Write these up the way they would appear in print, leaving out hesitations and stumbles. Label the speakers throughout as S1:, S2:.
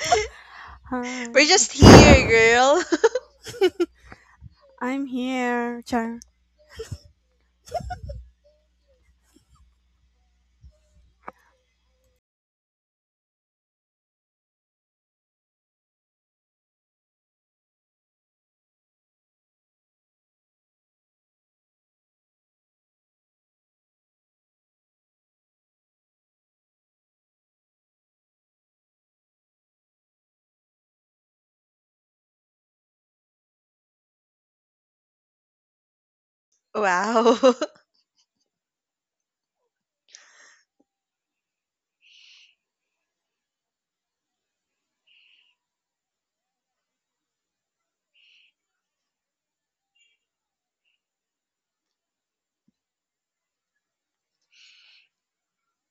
S1: We're
S2: Hi,
S1: just here, girl.
S2: I'm here, Char.
S1: Wow.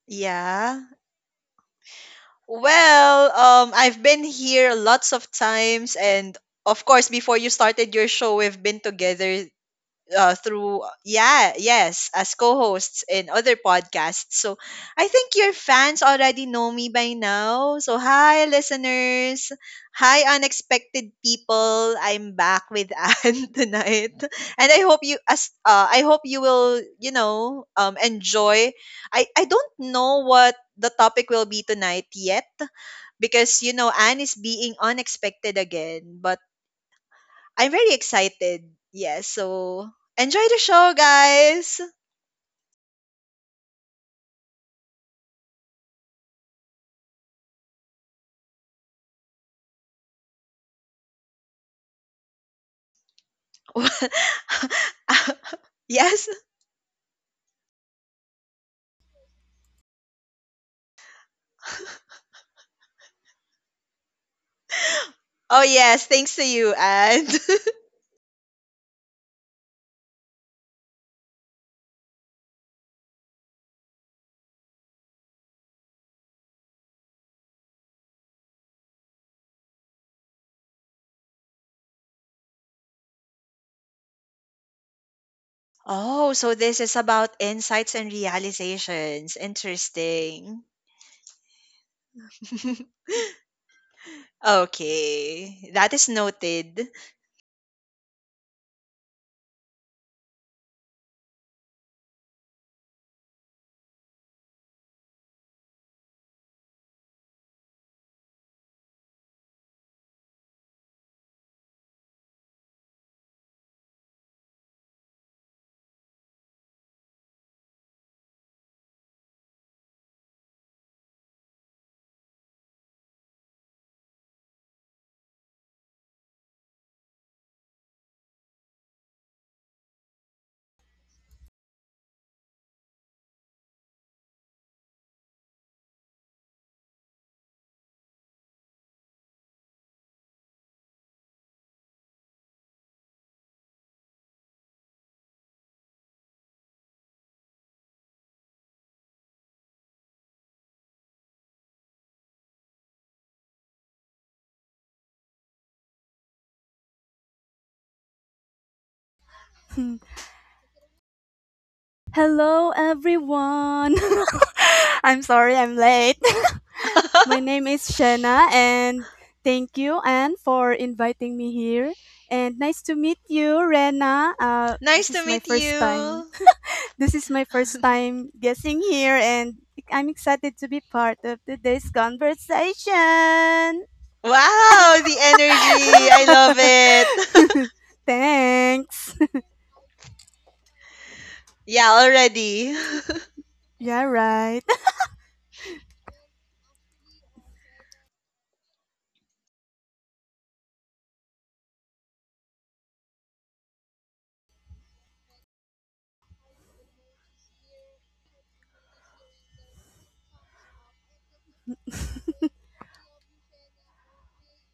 S1: Yeah. Well, I've been here lots of times, and of course, before you started your show, we've been together through yeah yes as co-hosts in other podcasts. So I think your fans already know me by now. So hi listeners, hi unexpected people, I'm back with Anne tonight, and I hope you as I hope you will you know enjoy. I don't know what the topic will be tonight yet, because you know Anne is being unexpected again. But I'm very excited. Yes, so enjoy the show, guys. Yes. Oh, yes. Thanks to you, and oh, so this is about insights and realizations. Interesting. Okay, that is noted.
S2: Hmm. Hello, everyone. I'm sorry I'm late. My name is Shanna, and thank you, Anne, for inviting me here. And nice to meet you, Rena. Uh,
S1: Nice
S2: this
S1: to
S2: is my
S1: meet
S2: first time.
S1: you.
S2: This is my first time guessing here, and I'm excited to be part of today's conversation.
S1: Wow, the energy. I love it.
S2: Thanks.
S1: Yeah, already.
S2: Yeah, right.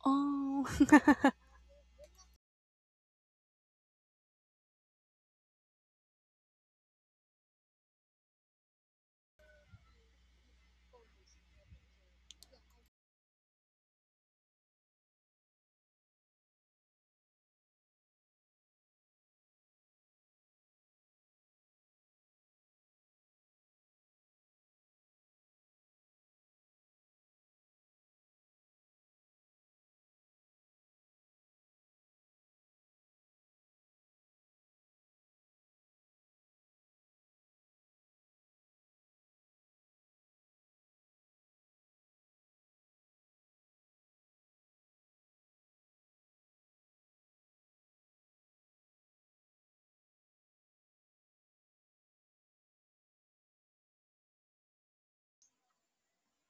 S2: Oh,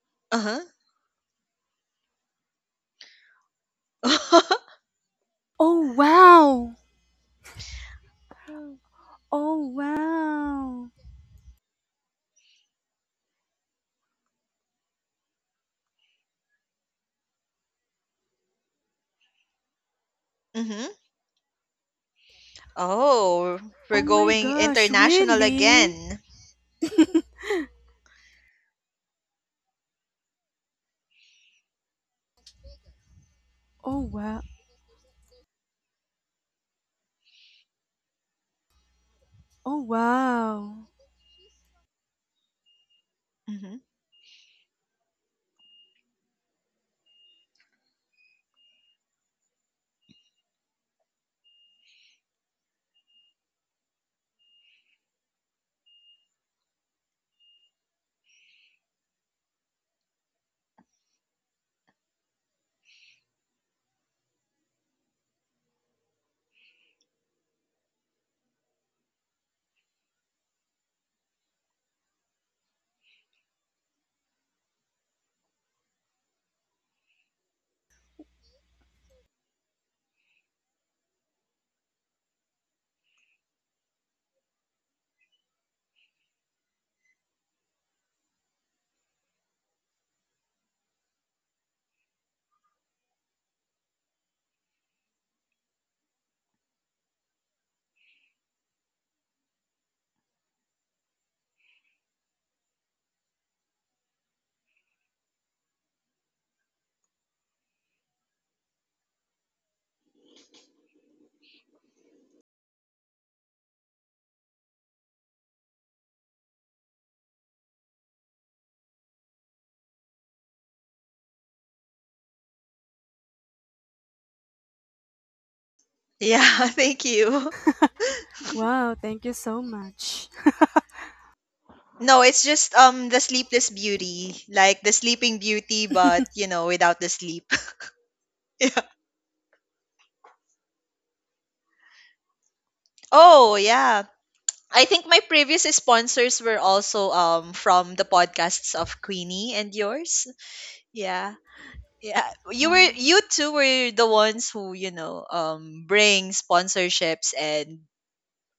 S1: Uh huh.
S2: oh wow. Oh wow.
S1: Hmm. Oh, we're
S2: Oh my
S1: going
S2: gosh,
S1: international
S2: really?
S1: again.
S2: Oh wow. Oh wow.
S1: hmm Yeah, thank you.
S2: Wow, thank you so much.
S1: No, it's just the Sleepless Beauty, like the Sleeping Beauty, but you know, without the sleep. Yeah. Oh, yeah. I think my previous sponsors were also from the podcasts of Queenie and yours. Yeah. Yeah. You were
S2: Wow.
S1: you two were the ones who, bring sponsorships and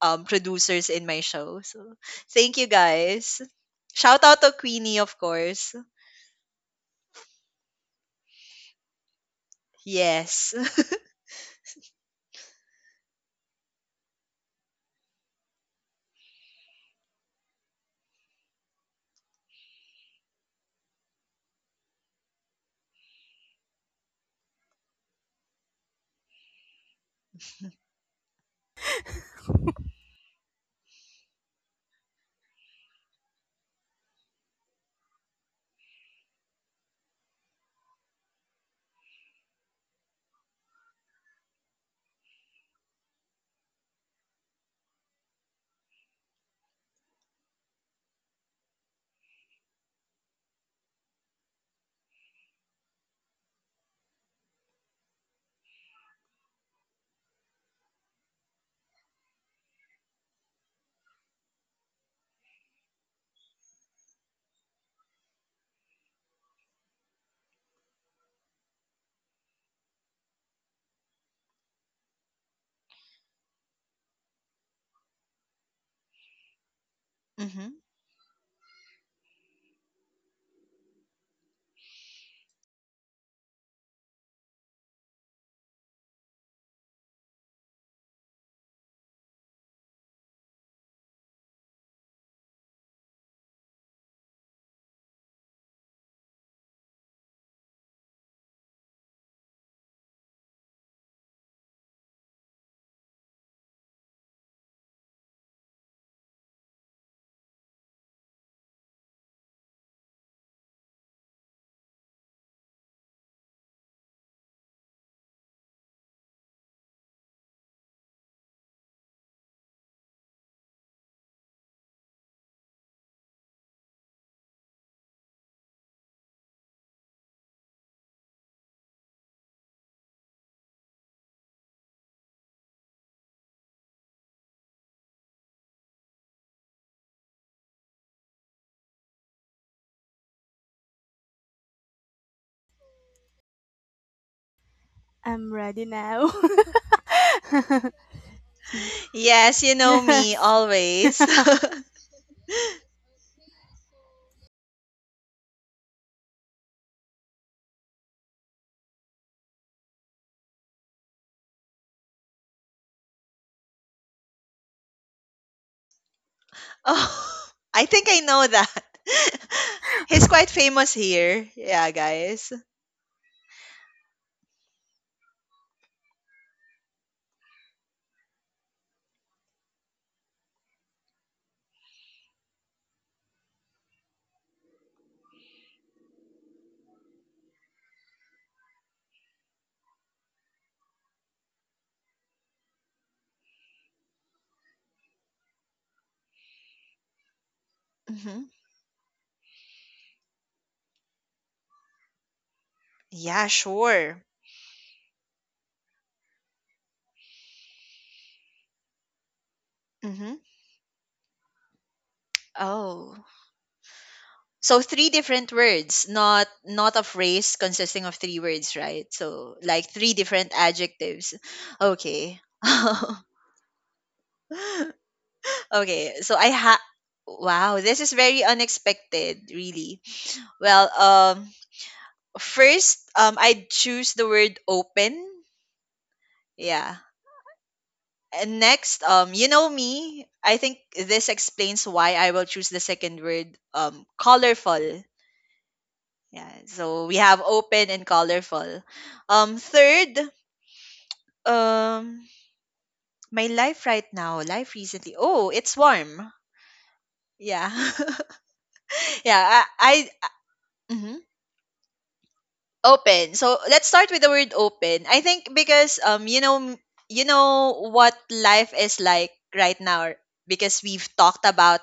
S1: producers in my show. So thank you, guys. Shout out to Queenie, of course. Yes. Hmm.
S2: I'm ready now.
S1: Yes, you know me
S2: Yes.
S1: always. Oh, I think I know that. He's quite famous here. Yeah, guys. Hmm. Yeah, sure. Hmm. Oh. So three different words, not a phrase consisting of three words, right? So like three different adjectives. Okay. Okay, so I ha wow, this is very unexpected, really. Well, first, I'd choose the word open. Yeah. And next, you know me, I think this explains why I will choose the second word, colorful. Yeah. So we have open and colorful. Third, um my life right now, life recently. Oh, it's warm. Yeah. yeah, I mm-hmm. Open, so let's start with the word open. I think because you know, you know what life is like right now, because we've talked about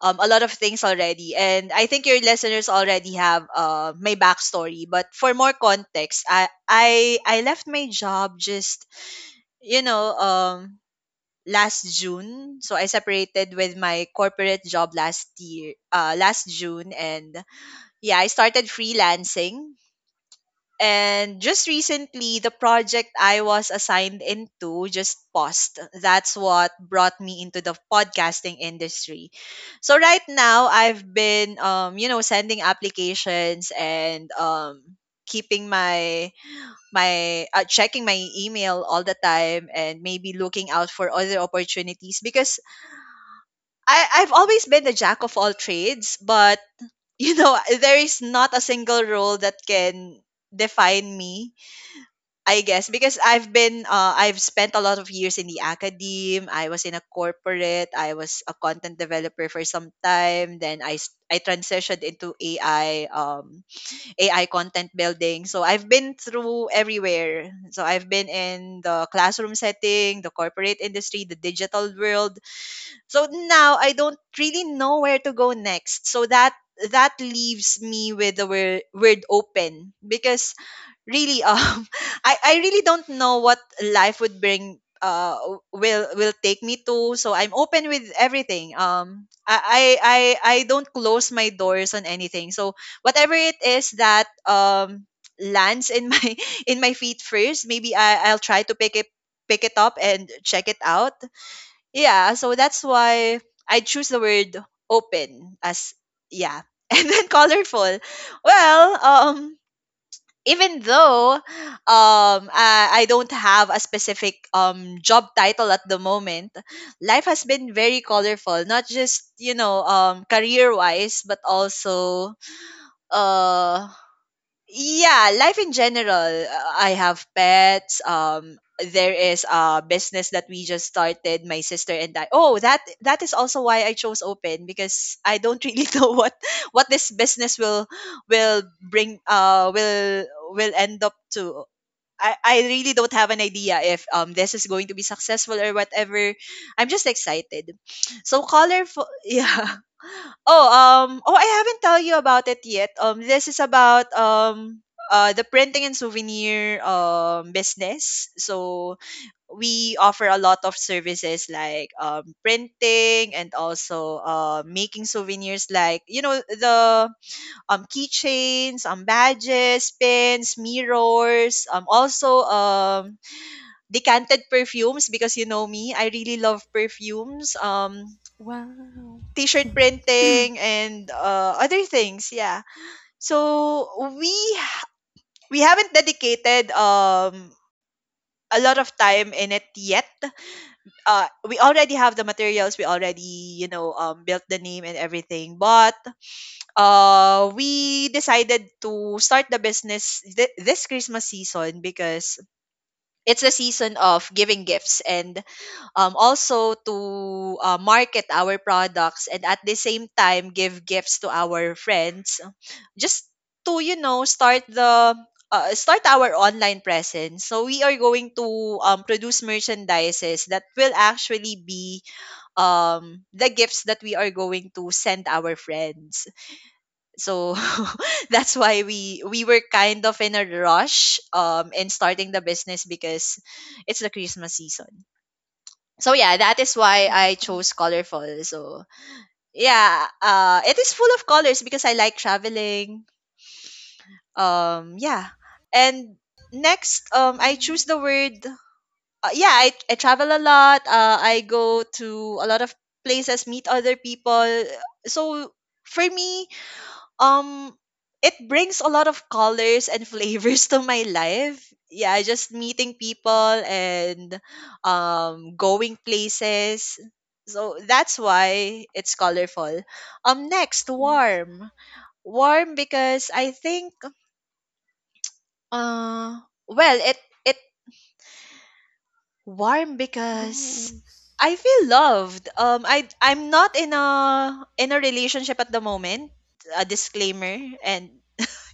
S1: a lot of things already, and I think your listeners already have my backstory. But for more context, I left my job just you know um last June. So I separated with my corporate job last year, last June, and yeah, I started freelancing. And just recently, the project I was assigned into just paused. That's what brought me into the podcasting industry. So right now, I've been, you know, sending applications and keeping my checking my email all the time, and maybe looking out for other opportunities. Because I've always been the jack of all trades, but you know, there is not a single role that can define me, I guess. Because I've been I've spent a lot of years in the academe. I was in a corporate. I was a content developer for some time. Then I transitioned into AI, AI content building. So I've been through everywhere. So I've been in the classroom setting, the corporate industry, the digital world. So now I don't really know where to go next. So that leaves me with the word open, because really I really don't know what life would bring, will take me to. So I'm open with everything. I don't close my doors on anything. So whatever it is that lands in my in my feet first, maybe I'll try to pick it up and check it out. Yeah, so that's why I choose the word open. As yeah, and then colorful. Well, even though I don't have a specific job title at the moment, life has been very colorful. Not just career wise, but also uh yeah, life in general. I have pets, there is a business that we just started, my sister and I. Oh, that that is also why I chose open, because I don't really know what this business will bring, will end up to. I really don't have an idea if this is going to be successful or whatever. I'm just excited. So colorful. Yeah. Oh, oh, I haven't tell you about it yet. This is about the printing and souvenir business. So we offer a lot of services like printing, and also making souvenirs, like you know, the keychains, badges, pins, mirrors, also decanted perfumes, because you know me, I really love perfumes.
S2: Wow.
S1: T-shirt printing and other things. Yeah, so we we haven't dedicated a lot of time in it yet. We already have the materials, we already, built the name and everything, but we decided to start the business this Christmas season, because it's the season of giving gifts, and also to market our products, and at the same time give gifts to our friends, just to you know, start the start our online presence. So we are going to produce merchandises that will actually be the gifts that we are going to send our friends. So that's why we were kind of in a rush in starting the business, because it's the Christmas season. So yeah, that is why I
S2: Wow.
S1: chose colorful. So yeah, it is full of colors because I like traveling. Yeah, and next, I choose the word. I travel a lot. I go to a lot of places, meet other people. So for me, um it brings a lot of colors and flavors to my life. Yeah, just meeting people and going places, so that's why it's colorful. Next,
S2: Wow.
S1: warm. Warm because I think uh well, it warm because
S2: Goals.
S1: I feel loved. I'm not in a relationship at the moment, a disclaimer. And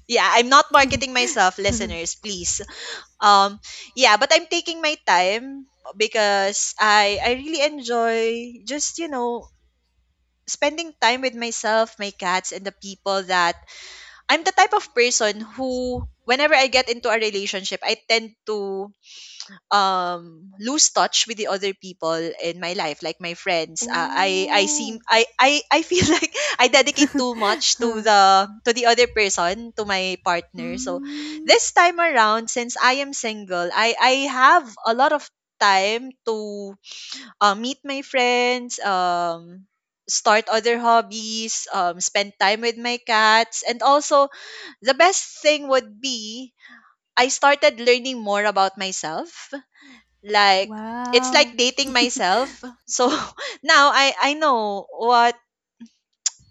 S1: yeah, I'm not marketing myself, listeners, please. Um, yeah, but I'm taking my time, because I really enjoy just, you know, spending time with myself, my cats, and the people that I'm the type of person who whenever I get into a relationship, I tend to lose touch with the other people in my life, like my friends. uh, i i seem
S2: Oh.
S1: i i i feel like I dedicate too much to
S2: Huh.
S1: the other person, to my partner. So
S2: Mm.
S1: this time around, since I am single, I have a lot of time to meet my friends, start other hobbies, spend time with my cats, and also the best thing would be I started learning more about myself, like it's like
S2: Wow.
S1: dating myself. So now I know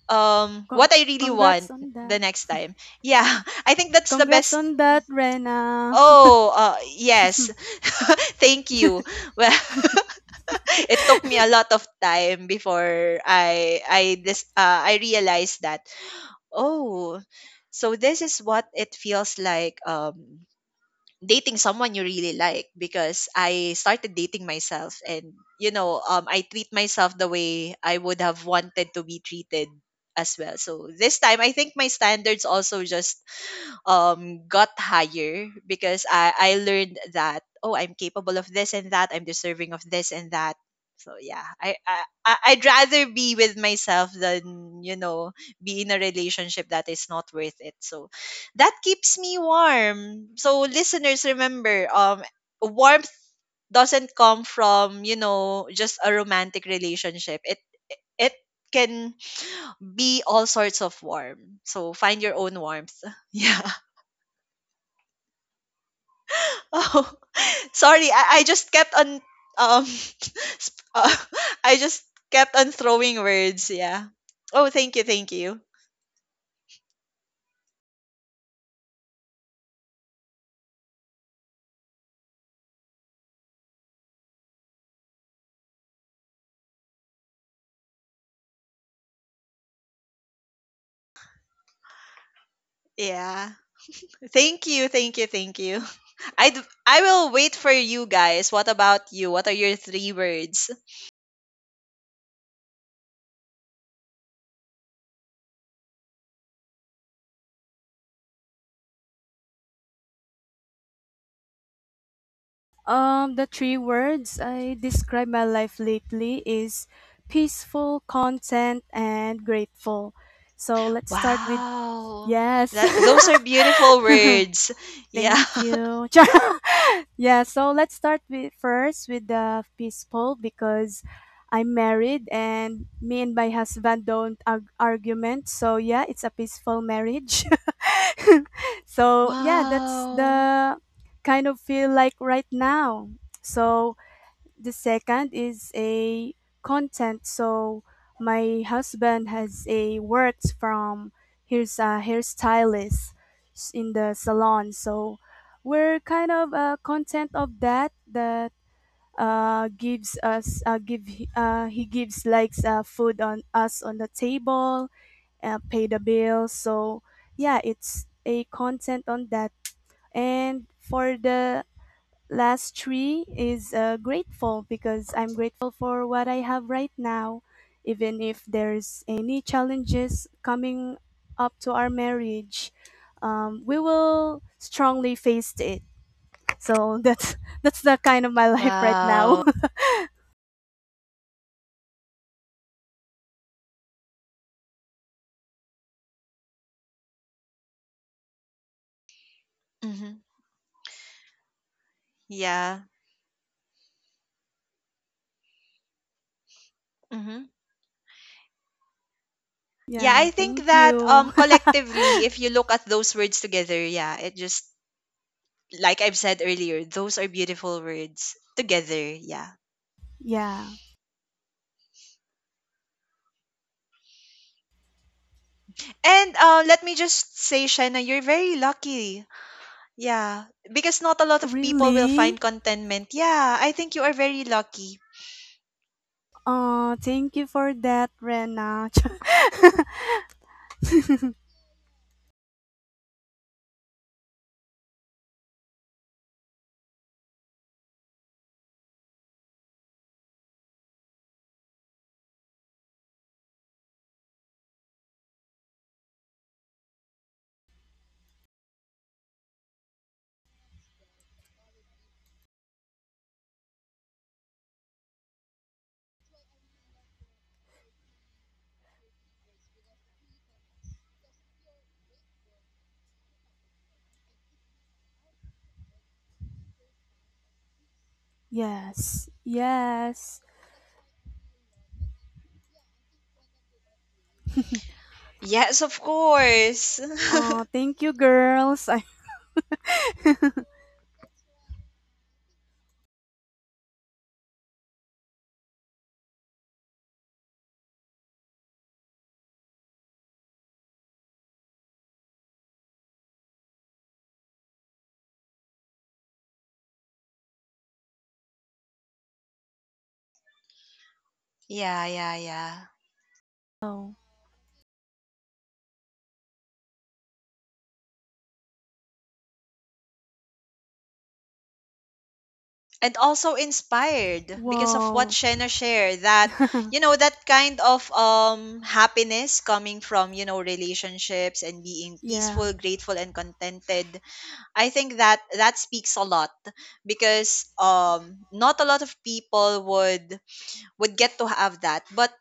S2: Con-
S1: what I really
S2: congrats
S1: want
S2: on
S1: the
S2: that.
S1: next time. Yeah, I think that's the
S2: Congrats
S1: best.
S2: on that, Rena.
S1: Oh, yes. Thank you. Well, it took me a lot of time before I realized that, oh, so this is what it feels like, dating someone you really like. Because I started dating myself, and you know, I treat myself the way I would have wanted to be treated as well. So this time I think my standards also just got higher, because I learned that, oh, I'm capable of this and that, I'm deserving of this and that. So yeah, I'd rather be with myself than you know, be in a relationship that is not worth it. So that keeps me warm. So listeners, remember, warmth doesn't come from you know, just a romantic relationship, it can be all sorts of warm. So find your own warmth. Yeah, sorry, I just kept on um sp- uh, I just kept on throwing words, yeah. Oh, thank you, thank you. Yeah. Thank you, thank you, thank you. I will wait for you guys. What about you? What are your three words?
S2: The three words I describe my life lately is peaceful, content, and grateful. So let's start with
S1: Wow.
S2: yes.
S1: That those are beautiful words. Yeah.
S2: Thank you. Yeah, so let's start with first with the peaceful because I'm married and me and my husband don't argument. So yeah, it's a peaceful marriage. So yeah, that's
S1: Wow.
S2: the kind of feel like right now. So the second is a content, so my husband has a worked from here's a hairstylist in the salon, so we're kind of content of that gives us give he gives likes food on us on the table, pay the bills. So yeah, it's a content on that. And for the last three is grateful because I'm grateful for what I have right now, even if there's any challenges coming up to our marriage. We will strongly face it. So that's that's the kind of my life right now.
S1: Wow. Hmm. Yeah. hmm Yeah,
S2: Yeah,
S1: I think
S2: thank
S1: that
S2: you.
S1: collectively, if you look at those words together, yeah, it just like I've said earlier, those are beautiful words together. Yeah.
S2: Yeah,
S1: And let me just say, Shaina, you're very lucky. Yeah. Because not a lot of people will find
S2: really.
S1: contentment. Yeah. I think you are very lucky.
S2: Thank you for that, Rena. Yes, yes.
S1: Yes, of course.
S2: Thank you, girls. I
S1: Yeah, yeah, yeah.
S2: know.
S1: And also inspired because of what
S2: Whoa.
S1: Shena shared that, you know, that kind of happiness coming from, you know, relationships and being
S2: Yeah.
S1: peaceful, grateful, and contented. I think that that speaks a lot because not a lot of people would get to have that, but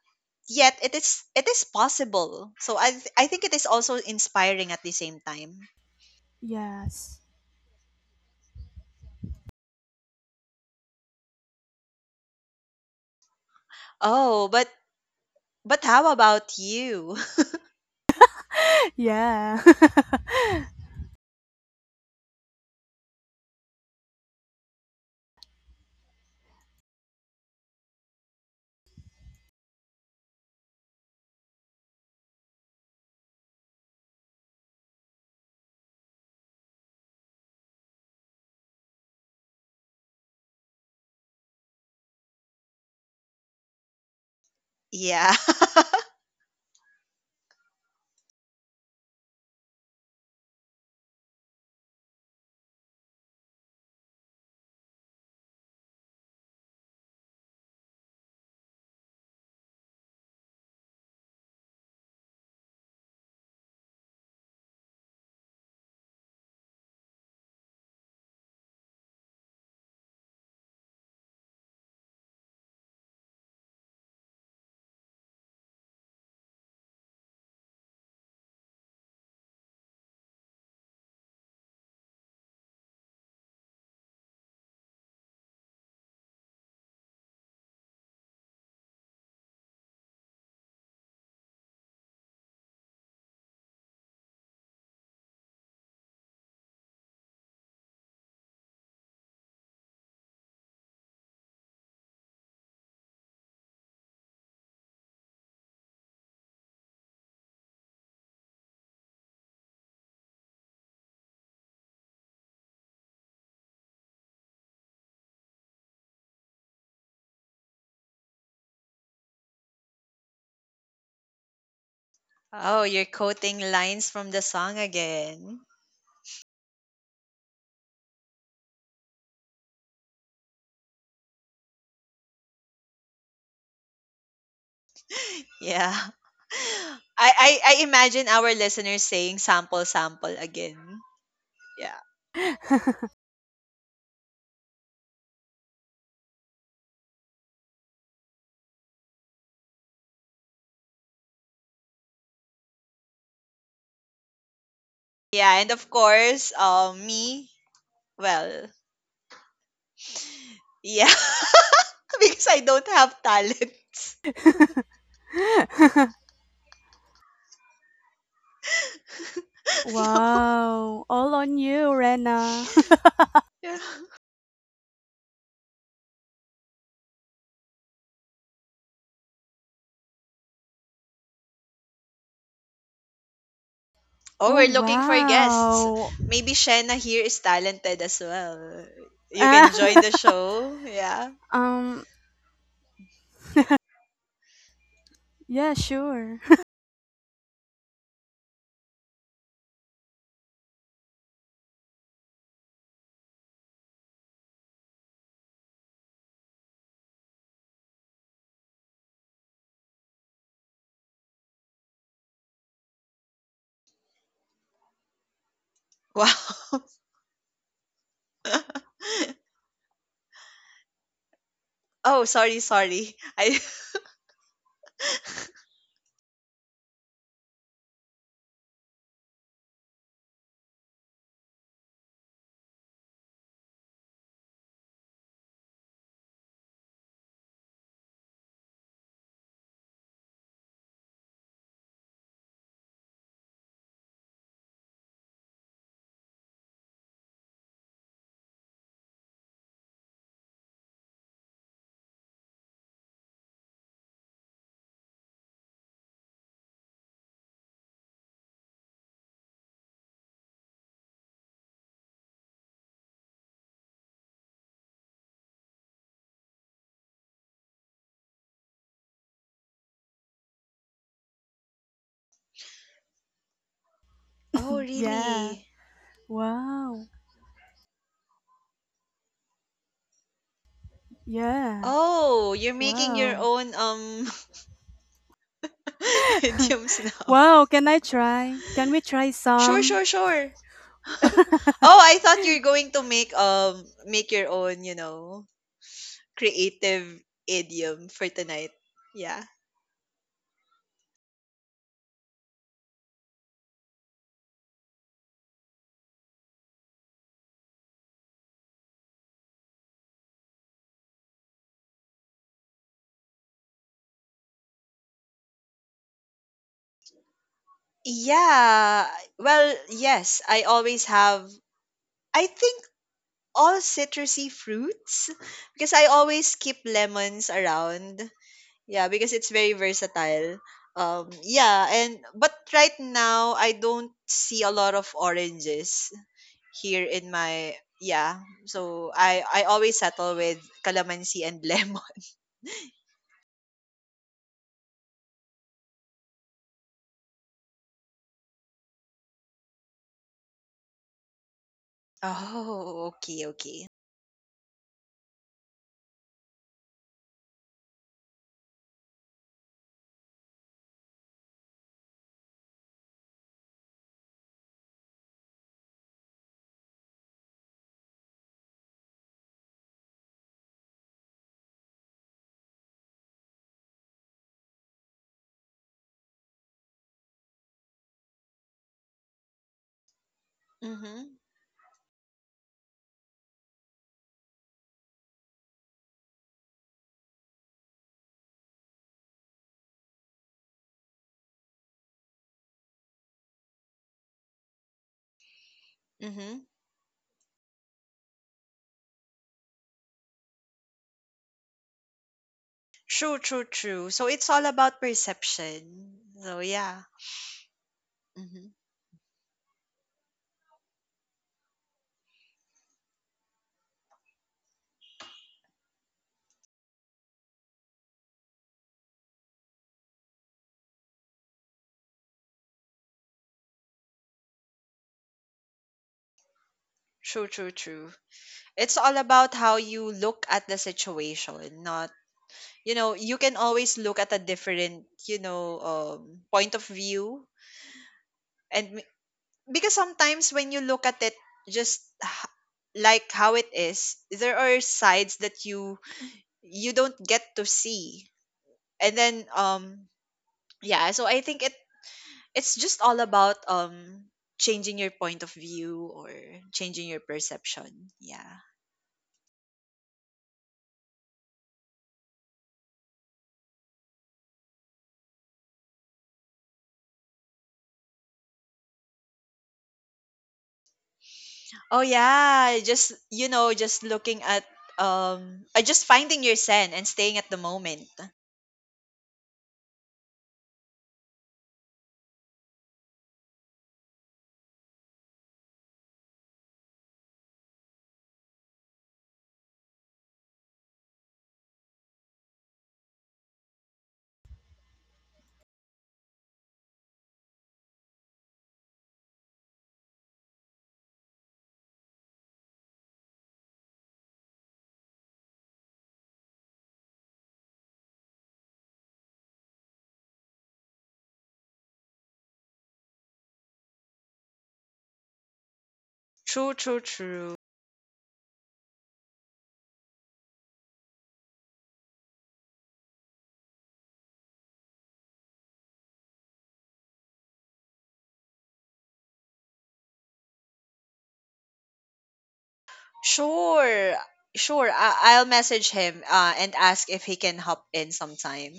S1: yet it is possible. So I think it is also inspiring at the same time.
S2: Yes.
S1: Oh, but how about you?
S2: Yeah.
S1: Yeah. Oh, you're quoting lines from the song again. Yeah. I imagine our listeners saying sample sample again. Yeah, yeah. And of course, me, well. Yeah, because I don't have talents. No.
S2: Wow. All on you, Rena.
S1: Yeah. Oh,
S2: Oh
S1: we're looking for guests.
S2: wow.
S1: Maybe Shena here is talented as well. You
S2: Ah.
S1: can join the show. Yeah.
S2: um yeah sure.
S1: Wow. Oh, sorry, sorry. I Oh,
S2: Yeah.
S1: really?
S2: Wow. Yeah.
S1: Oh, you're making your
S2: Wow.
S1: own idioms now.
S2: Wow, can I try? Can we try
S1: Sure,
S2: some?
S1: sure, sure. Oh, I thought you're going to make your own, you know, creative idiom for tonight. Yeah. Yeah. Well, yes, I always have, I think, all citrusy fruits because I always keep lemons around. Yeah, because it's very versatile. Yeah, and but right now I don't see a lot of oranges here in my yeah. So I always settle with calamansi and lemon. Oh, okay, okay. Mhm. Mhm. True, true, true. So it's all about perception. So yeah. Hmm. True, true, true. It's all about how you look at the situation, not you know, you can always look at a different, you know, point of view and because sometimes when you look at it just h- like how it is, there are sides that you don't get to see. And then yeah, so I think it's just all about changing your point of view or changing your perception. Yeah. Oh yeah, just you know, just looking at just finding your zen and staying at the moment. True, true, true. Sure, sure. I'll message him, and ask if he can hop in sometime.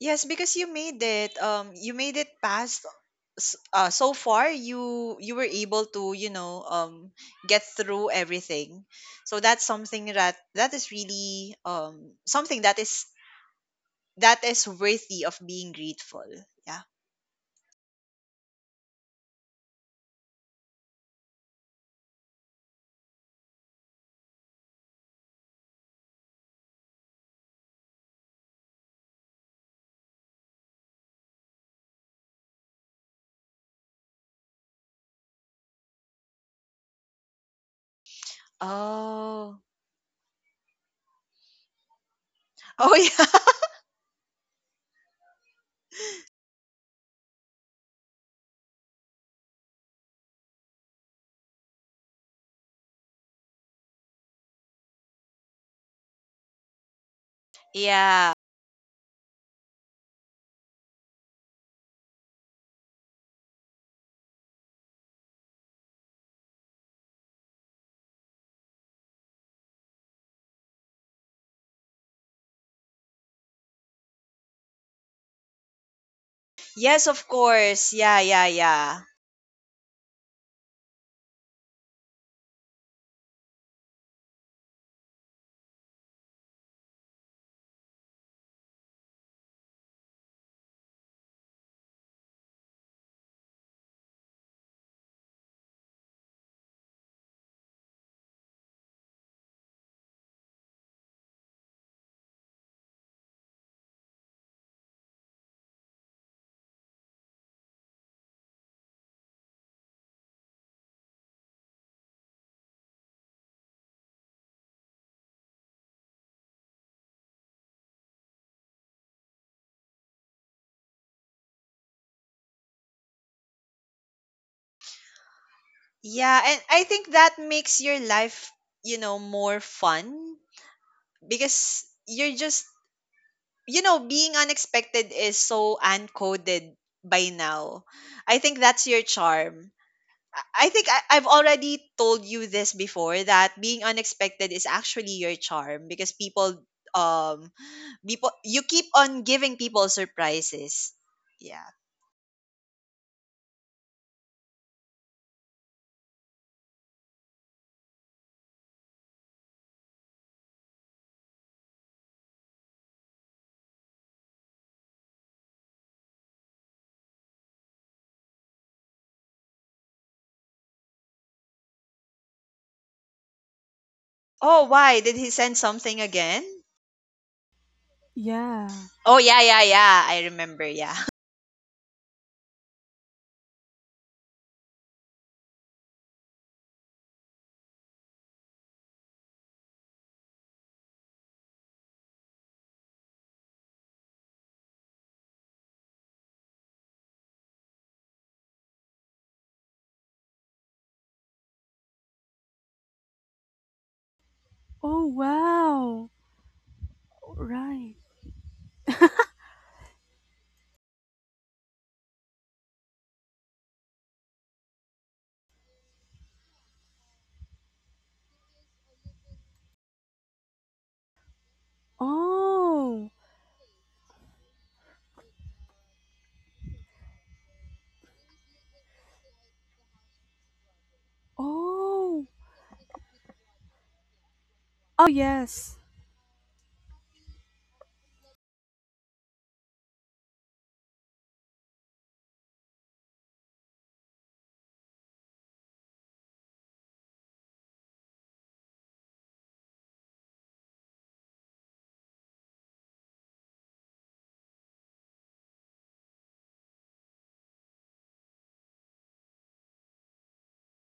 S1: Yes, because you made it. You made it past. So far, you were able to, you know, get through everything. So that's something that is really something that is worthy of being grateful. Yeah. Oh. Oh yeah. Yeah. Yes, of course. Yeah. Yeah. Yeah. Yeah, and I think that makes your life, you know, more fun because you're just, you know, being unexpected is so uncoded by now. I think that's your charm. I think I've already told you this before that being unexpected is actually your charm because um people you keep on giving people surprises. Yeah. Oh, why did he send something again?
S2: Yeah.
S1: Oh yeah, yeah, yeah. I remember. Yeah.
S2: Oh wow. Right. Oh. Oh. Oh yes.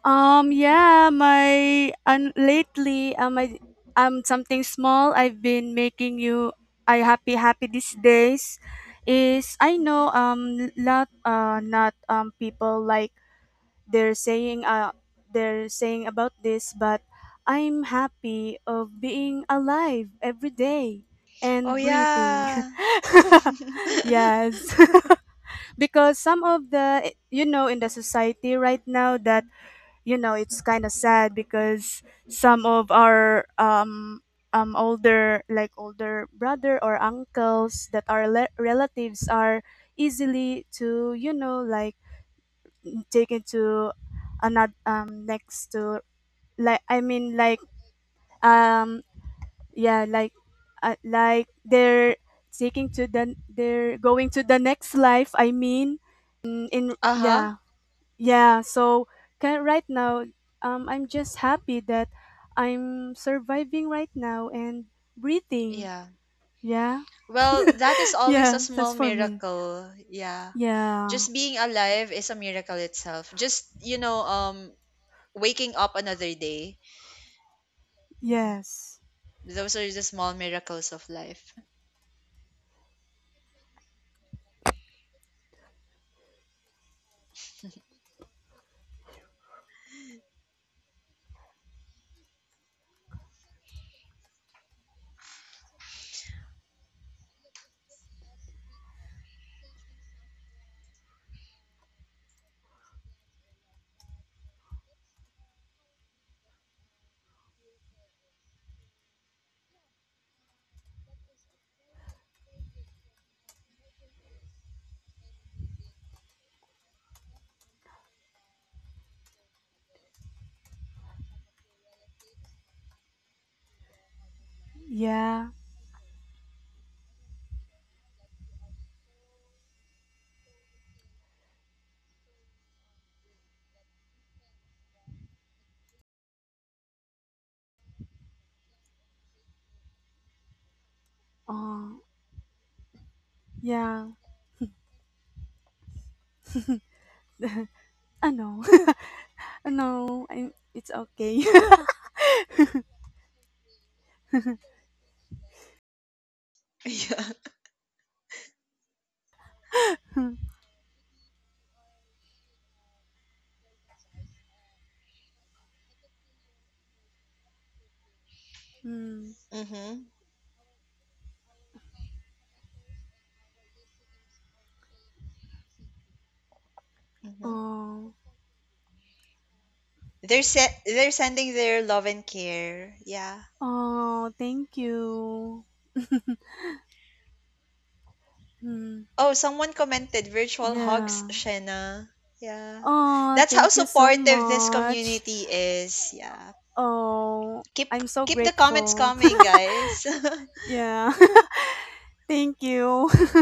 S2: Yeah, my and lately, I something small I've been making you I happy these days is I know lot not people like they're saying uh they're saying about this, but I'm happy of being alive every day
S1: Oh
S2: and breathing.
S1: yeah.
S2: Yes, because some of the you know in the society right now that you know it's kind of sad because some of our older like older brother or uncles that are relatives are easily to you know like taken to another next to like I mean like um yeah like they're taking to the they're going to the next life I mean in
S1: Uh-huh.
S2: yeah yeah, so right now, I'm just happy that I'm surviving right now and breathing.
S1: Yeah.
S2: Yeah,
S1: Well, that is always a
S2: yeah, that's
S1: small
S2: for me.
S1: miracle. Yeah.
S2: Yeah,
S1: Just being alive is a miracle itself. Just, you know, waking up another day. Mhm.
S2: yes,
S1: Those are the small miracles of life.
S2: yeah. Oh. Yeah. I know, I know. I It's okay.
S1: Yeah.
S2: Hmm.
S1: Mhm. Mhm.
S2: Oh,
S1: They're sending their love and care. Yeah.
S2: oh, thank you. Hmm.
S1: Oh, someone commented virtual hugs,
S2: Yeah.
S1: Shena. Yeah.
S2: Oh,
S1: That's how
S2: thank you so
S1: supportive this
S2: much.
S1: community is. Yeah.
S2: Oh,
S1: Keep
S2: I'm so
S1: the comments
S2: grateful.
S1: coming, guys.
S2: Yeah. Thank you.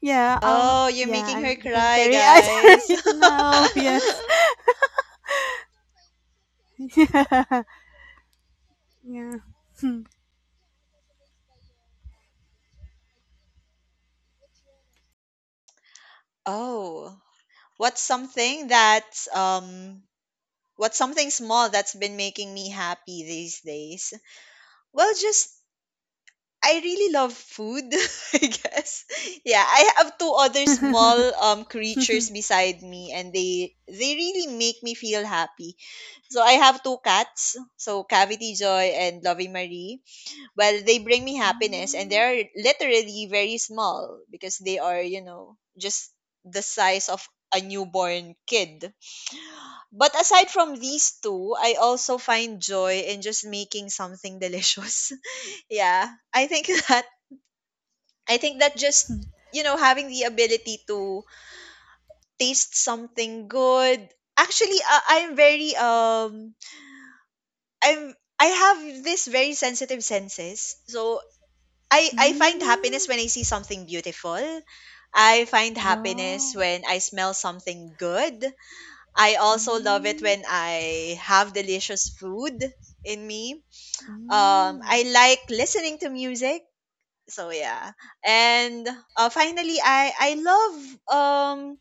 S2: Yeah, um
S1: Oh, you're
S2: yeah,
S1: making her
S2: I'm became
S1: cry,
S2: teary eyed
S1: guys.
S2: right now. Yes. Yeah.
S1: Oh. What's something that's um what's something small that's been making me happy these days? Well, just I really love food, I guess. Yeah, I have two other small creatures beside me and they really make me feel happy. So I have two cats, so Cavity Joy and Lovey Marie. Well, they bring me happiness and they're literally very small because they are, you know, just the size of a newborn kid. But aside from these two, I also find joy in just making something delicious. Yeah. I think that I think that just, you know, having the ability to taste something good. Actually, I'm very I'm I have this very sensitive senses. So I find
S2: Mm,
S1: happiness when I see something beautiful. I find happiness
S2: wow.
S1: when I smell something good. I also love it
S2: Mm,
S1: when I have delicious food in me.
S2: mm,
S1: I like listening to music, so yeah. And finally I love um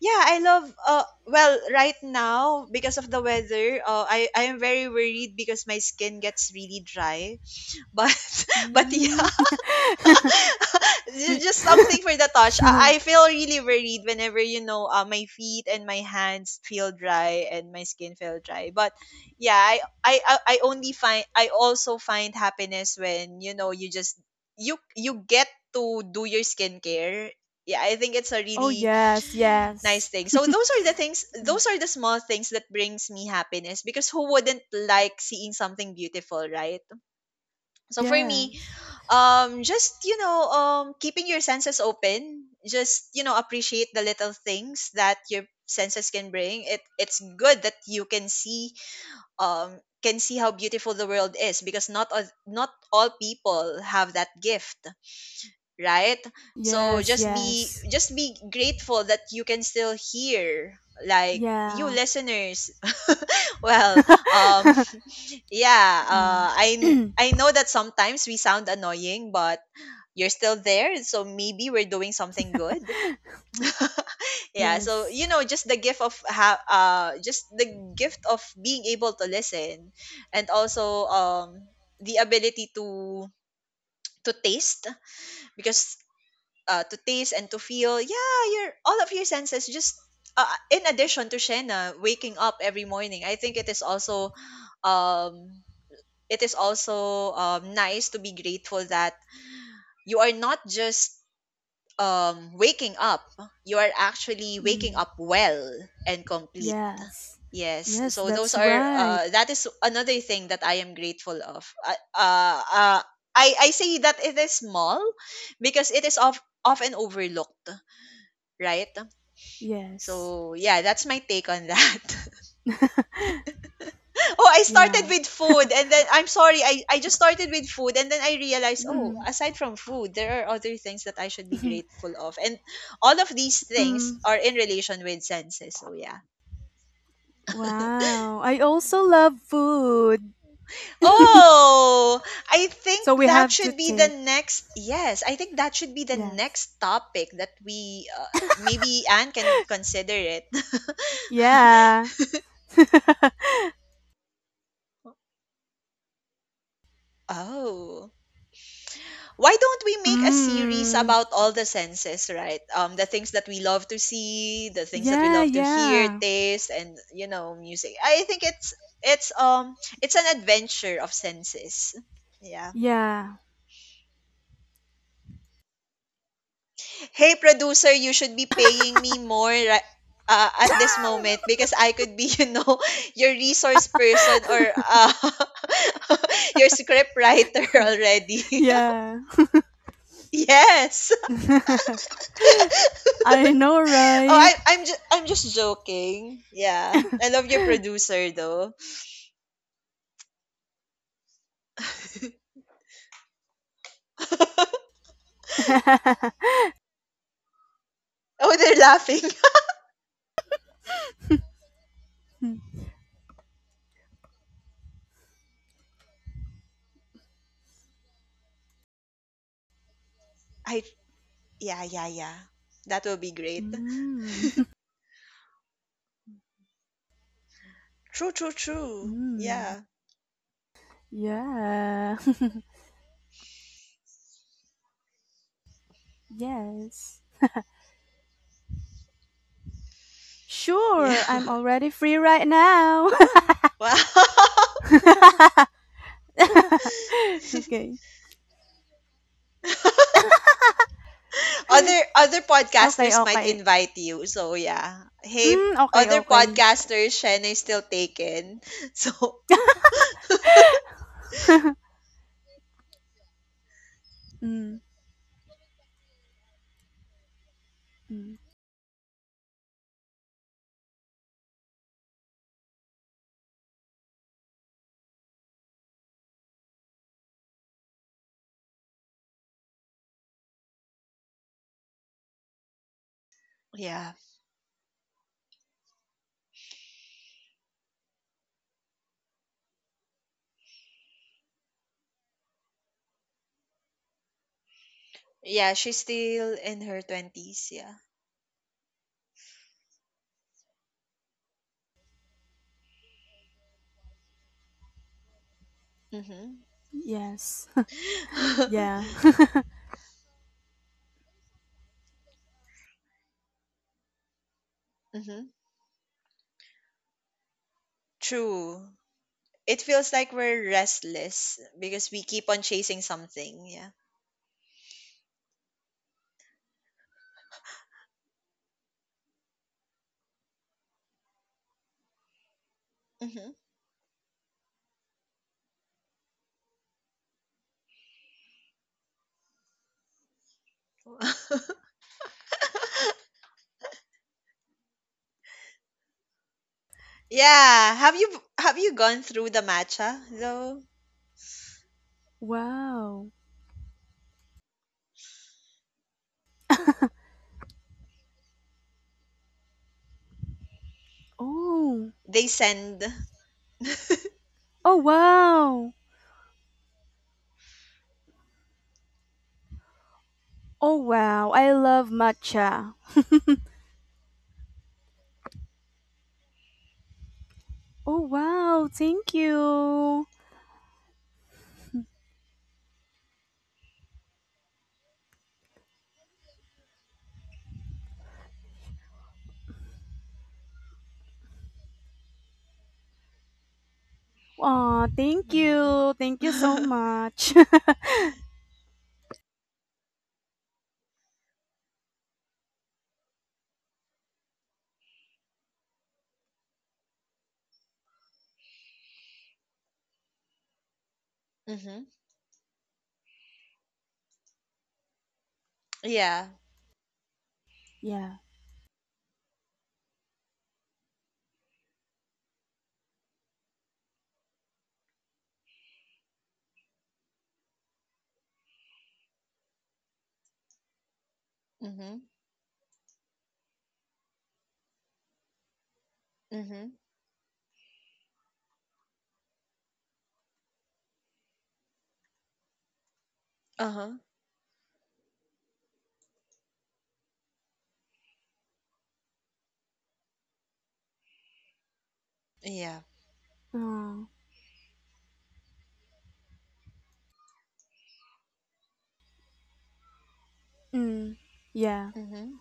S1: yeah, I love well right now because of the weather, I am very worried because my skin gets really dry, but but yeah.
S2: mm.
S1: Ju-
S2: You,
S1: just something for the touch. I feel really worried whenever, you know, my feet and my hands feel dry and my skin feel dry. But yeah, I only find I also find happiness when, you know, you just you get to do your skincare. Yeah, I think it's a
S2: oh
S1: really
S2: yes,
S1: nice
S2: yes.
S1: thing. So those are the things,
S2: Mm.
S1: those are the small things that brings me happiness, because who wouldn't like seeing something beautiful, right? So for me,
S2: Yes.
S1: just, you know, keeping your senses open, just, you know, appreciate the little things that your senses can bring. It's good that you can see how beautiful the world is because not all people have that gift, right? So
S2: Yes, yes.
S1: just be grateful that you can still hear, like you
S2: Yeah.
S1: listeners. Well, um, yeah, uh i
S2: Mm.
S1: kn- i know that sometimes we sound annoying, but you're still there, so maybe we're doing something good. Yeah. So
S2: Yes.
S1: you know, just the just the gift of being able to listen, and also the ability to taste, because to taste and to feel, yeah, your all of your senses just, in addition to Shena waking up every morning, I think it is also um it is also nice to be grateful that you are not just, waking up, you are actually waking
S2: Mm.
S1: up well and complete.
S2: Yes.
S1: Yes,
S2: Yes,
S1: so those
S2: that's
S1: are
S2: right.
S1: that is another thing that I am grateful of. Uh, uh, I say that it is small because it is of often overlooked, right?
S2: Yes.
S1: So yeah, that's my take on that. Oh, I started
S2: Yeah.
S1: with food and then I'm sorry, I just started with food and then I realized, oh,
S2: Mm.
S1: aside from food, there are other things that I should be grateful of. And all of these things
S2: Mm.
S1: are in relation with senses. So yeah.
S2: Wow. I also love food.
S1: Oh, I think
S2: So we
S1: that
S2: have to
S1: should be the
S2: take.
S1: next yes, I think that should be the
S2: Yes.
S1: next topic that we, maybe Anne can consider it.
S2: Yeah.
S1: Oh. Why don't we make a series
S2: Mm.
S1: about all the senses, right? The things that we love to see, the things that we
S2: Yeah,
S1: love to hear,
S2: yeah.
S1: taste, and you know, music. I think it's um it's an adventure of senses. Yeah.
S2: Yeah.
S1: Hey, producer, you should be paying me more. Right, at this moment, because I could be you know, your resource person, or your script writer already.
S2: Yeah.
S1: Yes.
S2: I know,
S1: Oh,
S2: right?
S1: I'm just joking. Yeah, I love your producer though. Oh,
S2: Mm.
S1: they're laughing. I yeah, yeah, yeah. That will be great. True, true, true.
S2: Mm.
S1: Yeah,
S2: Yeah. Yes.
S1: yeah.
S2: Sure. I'm already free right now.
S1: Wow.
S2: Okay.
S1: Other
S2: Okay,
S1: podcasters might
S2: okay.
S1: invite you. So yeah. Hey,
S2: Mm, okay,
S1: other
S2: okay.
S1: podcasters, Shen is still taken. So
S2: Mm. Mm.
S1: yeah, yeah, she's still in her twenties. Yeah. Mm-hmm.
S2: Yes. Yeah.
S1: Mm-hmm. True. It feels like we're restless because we keep on chasing something. Yeah. Hmm. Yeah. Have you gone through the matcha though?
S2: Wow. Oh.
S1: They send.
S2: Oh wow. Oh wow. I love matcha. Oh wow. Thank you. Aw, thank
S1: Hmm.
S2: you. Thank you so much.
S1: Hmm. Yeah.
S2: Yeah.
S1: Hmm. Hmm. Uh huh. Yeah.
S2: Oh. Mm. Yeah.
S1: Hmm.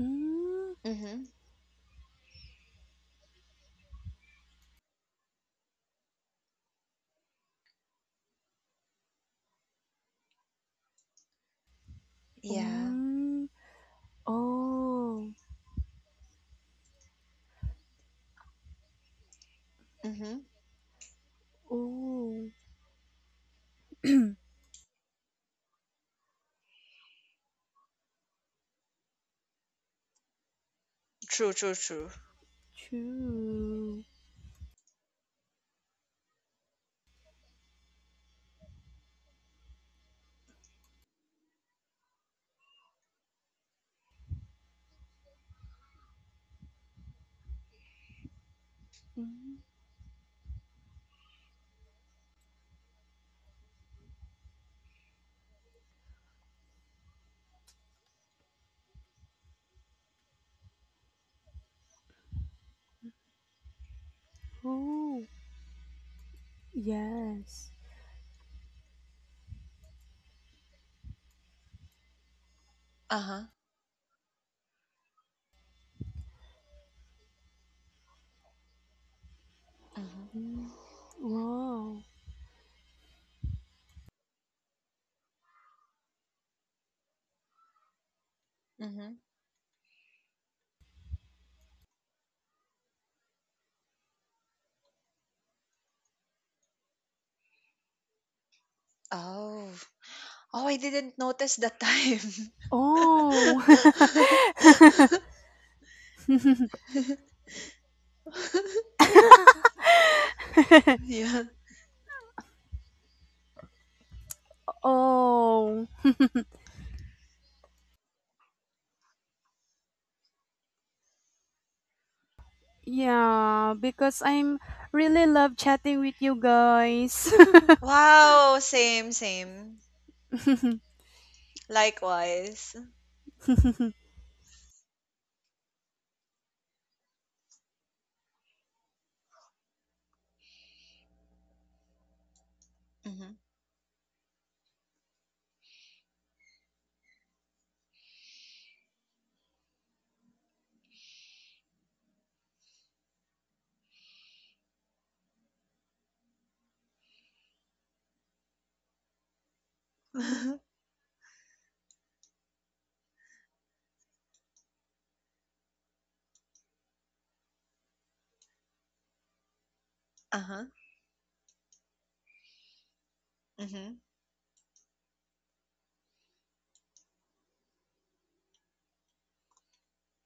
S2: Mm.
S1: Hmm. Yeah.
S2: Mm. Oh.
S1: Hmm.
S2: Oh.
S1: True. True. True.
S2: True. Mm. Oh. Yes.
S1: Uh huh. Hmm.
S2: Mm. Wow.
S1: Hmm. Oh. Oh, I didn't notice that time.
S2: Oh.
S1: Yeah.
S2: Oh, yeah, because I'm really love chatting with you guys.
S1: Wow, same, same. Likewise. Mm-hmm. Uh-huh. Mm-hmm.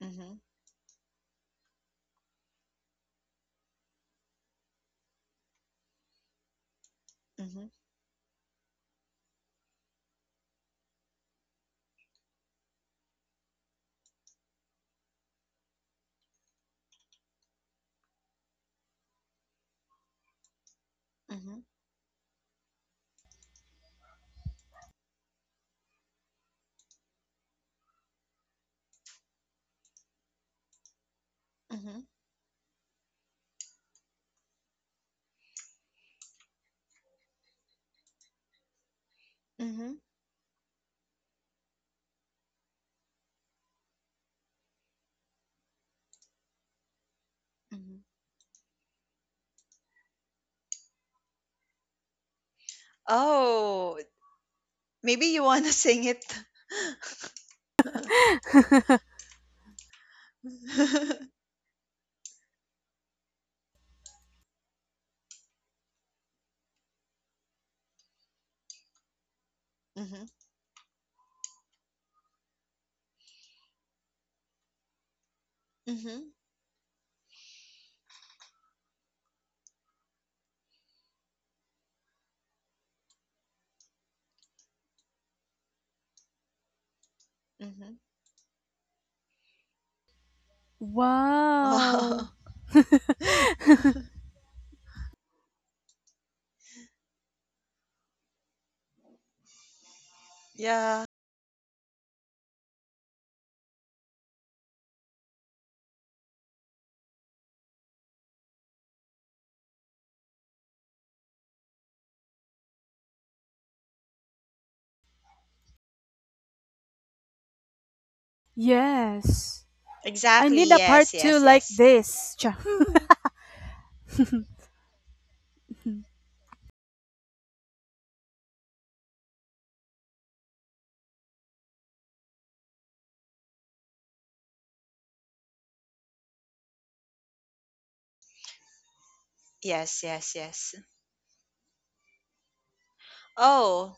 S1: Mm-hmm. Mm-hmm. Mm-hmm. Mm-hmm. Mm-hmm. Mm-hmm. Oh, maybe you want to sing it. Mm-hmm. Mm-hmm. Mm-hmm.
S2: Wow.
S1: Wow. Yeah.
S2: Yes. I
S1: Exactly.
S2: need a part
S1: Yes,
S2: 2
S1: yes,
S2: like
S1: yes.
S2: this.
S1: Yes, yes, yes. Oh,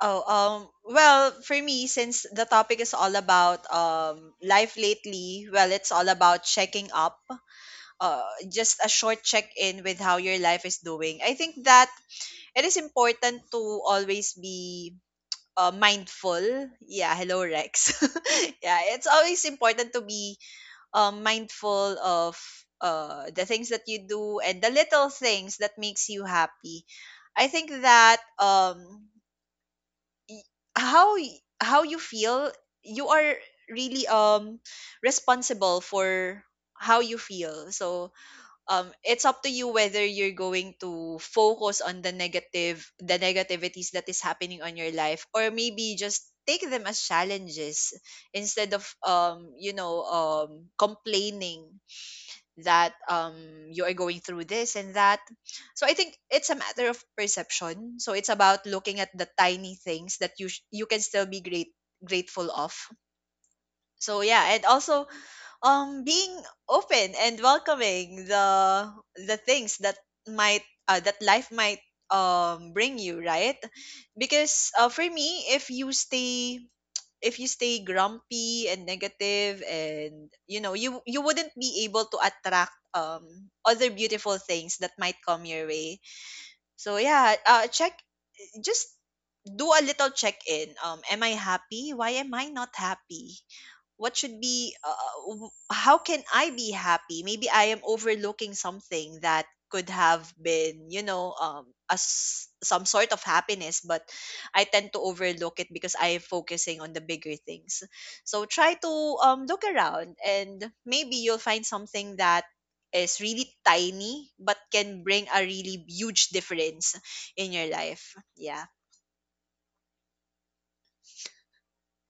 S1: oh, well, for me, since the topic is all about life lately, well, it's all about checking up, just a short check in with how your life is doing. I think that it is important to always be, mindful. Yeah, hello, Rex. Yeah, it's always important to be, mindful of, the things that you do and the little things that makes you happy. I think that, y- how you feel, you are really responsible for how you feel. So it's up to you whether you're going to focus on the negative the negativities that is happening on your life, or maybe just take them as challenges instead of, you know, complaining that, you are going through this and that. So I think it's a matter of perception. So it's about looking at the tiny things that you can still be great grateful of. So yeah. And also, being open and welcoming the things that might, that life might, bring you, right? Because, for me, if you stay grumpy and negative, and you know, you wouldn't be able to attract other beautiful things that might come your way. So yeah, check, just do a little check in. Am I happy? Why am I not happy? What should be, how can I be happy? Maybe I am overlooking something that could have been, you know, as some sort of happiness, but I tend to overlook it because I am focusing on the bigger things. So try to, look around and maybe you'll find something that is really tiny but can bring a really huge difference in your life. Yeah.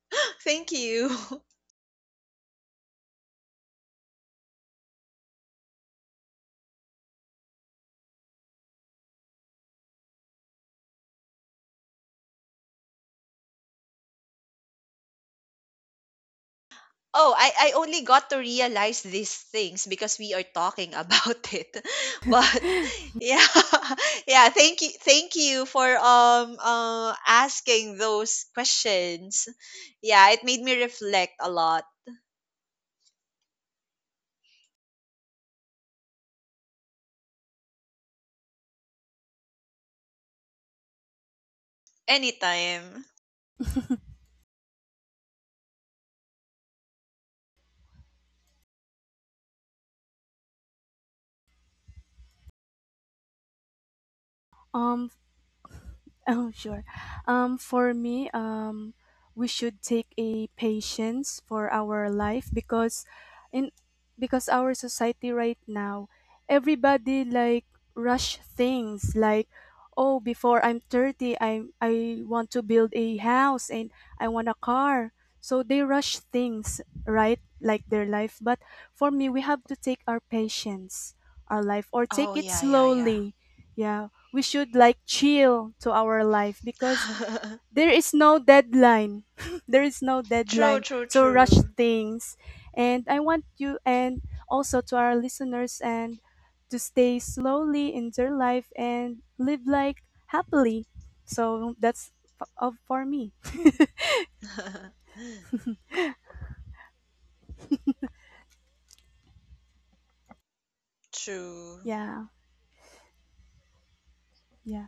S1: Thank you. Oh, I only got to realize these things because we are talking about it. But yeah, yeah, thank you, thank you for, asking those questions. Yeah, it made me reflect a lot. Anytime.
S2: um Oh, sure. For me, we should take a patience for our life because in because our society right now, everybody like rush things like, oh, before I'm 30, I want to build a house and I want a car. So they rush things, right? Like their life. But for me, we have to take our patience, our life, or
S1: Oh
S2: take it
S1: yeah, yeah, yeah.
S2: slowly. Yeah, we should like chill to our life because there is no deadline there is no
S1: True,
S2: deadline
S1: true,
S2: to rush
S1: true.
S2: things, and I want you and also to our listeners and to stay slowly in their life and live like happily. So that's f- of for me.
S1: True.
S2: Yeah, yeah,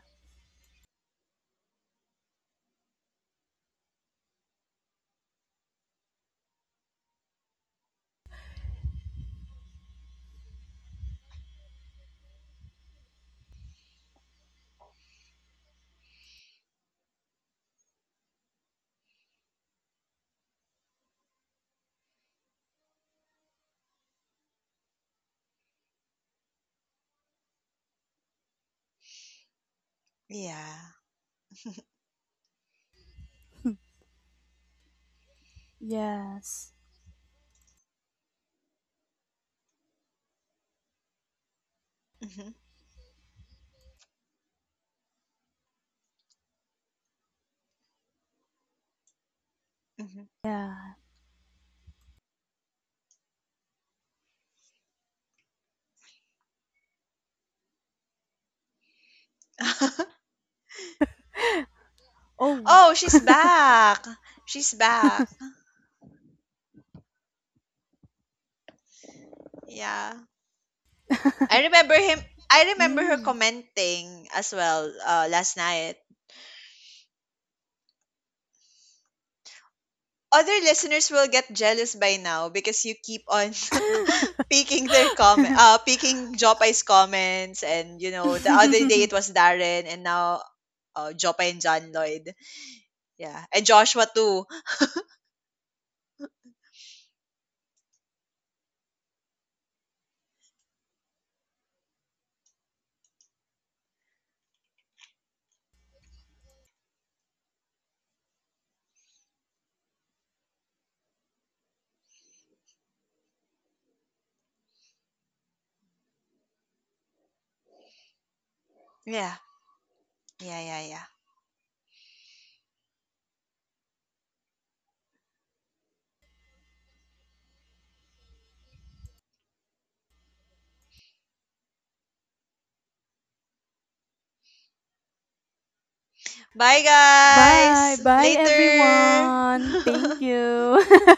S1: Yeah.
S2: yes,
S1: Hmm. Hmm.
S2: yeah. Oh.
S1: Oh, she's back. She's back. Yeah. I remember him. I remember her
S2: Mm.
S1: commenting as well, last night. Other listeners will get jealous by now because you keep on picking their comment, picking Jopai's comments, and you know, the other day it was Darren, and now, Jopay and John Lloyd, yeah, and Joshua too. Yeah, yeah, yeah, yeah. Bye
S2: Bye
S1: guys,
S2: bye
S1: later.
S2: everyone, thank you.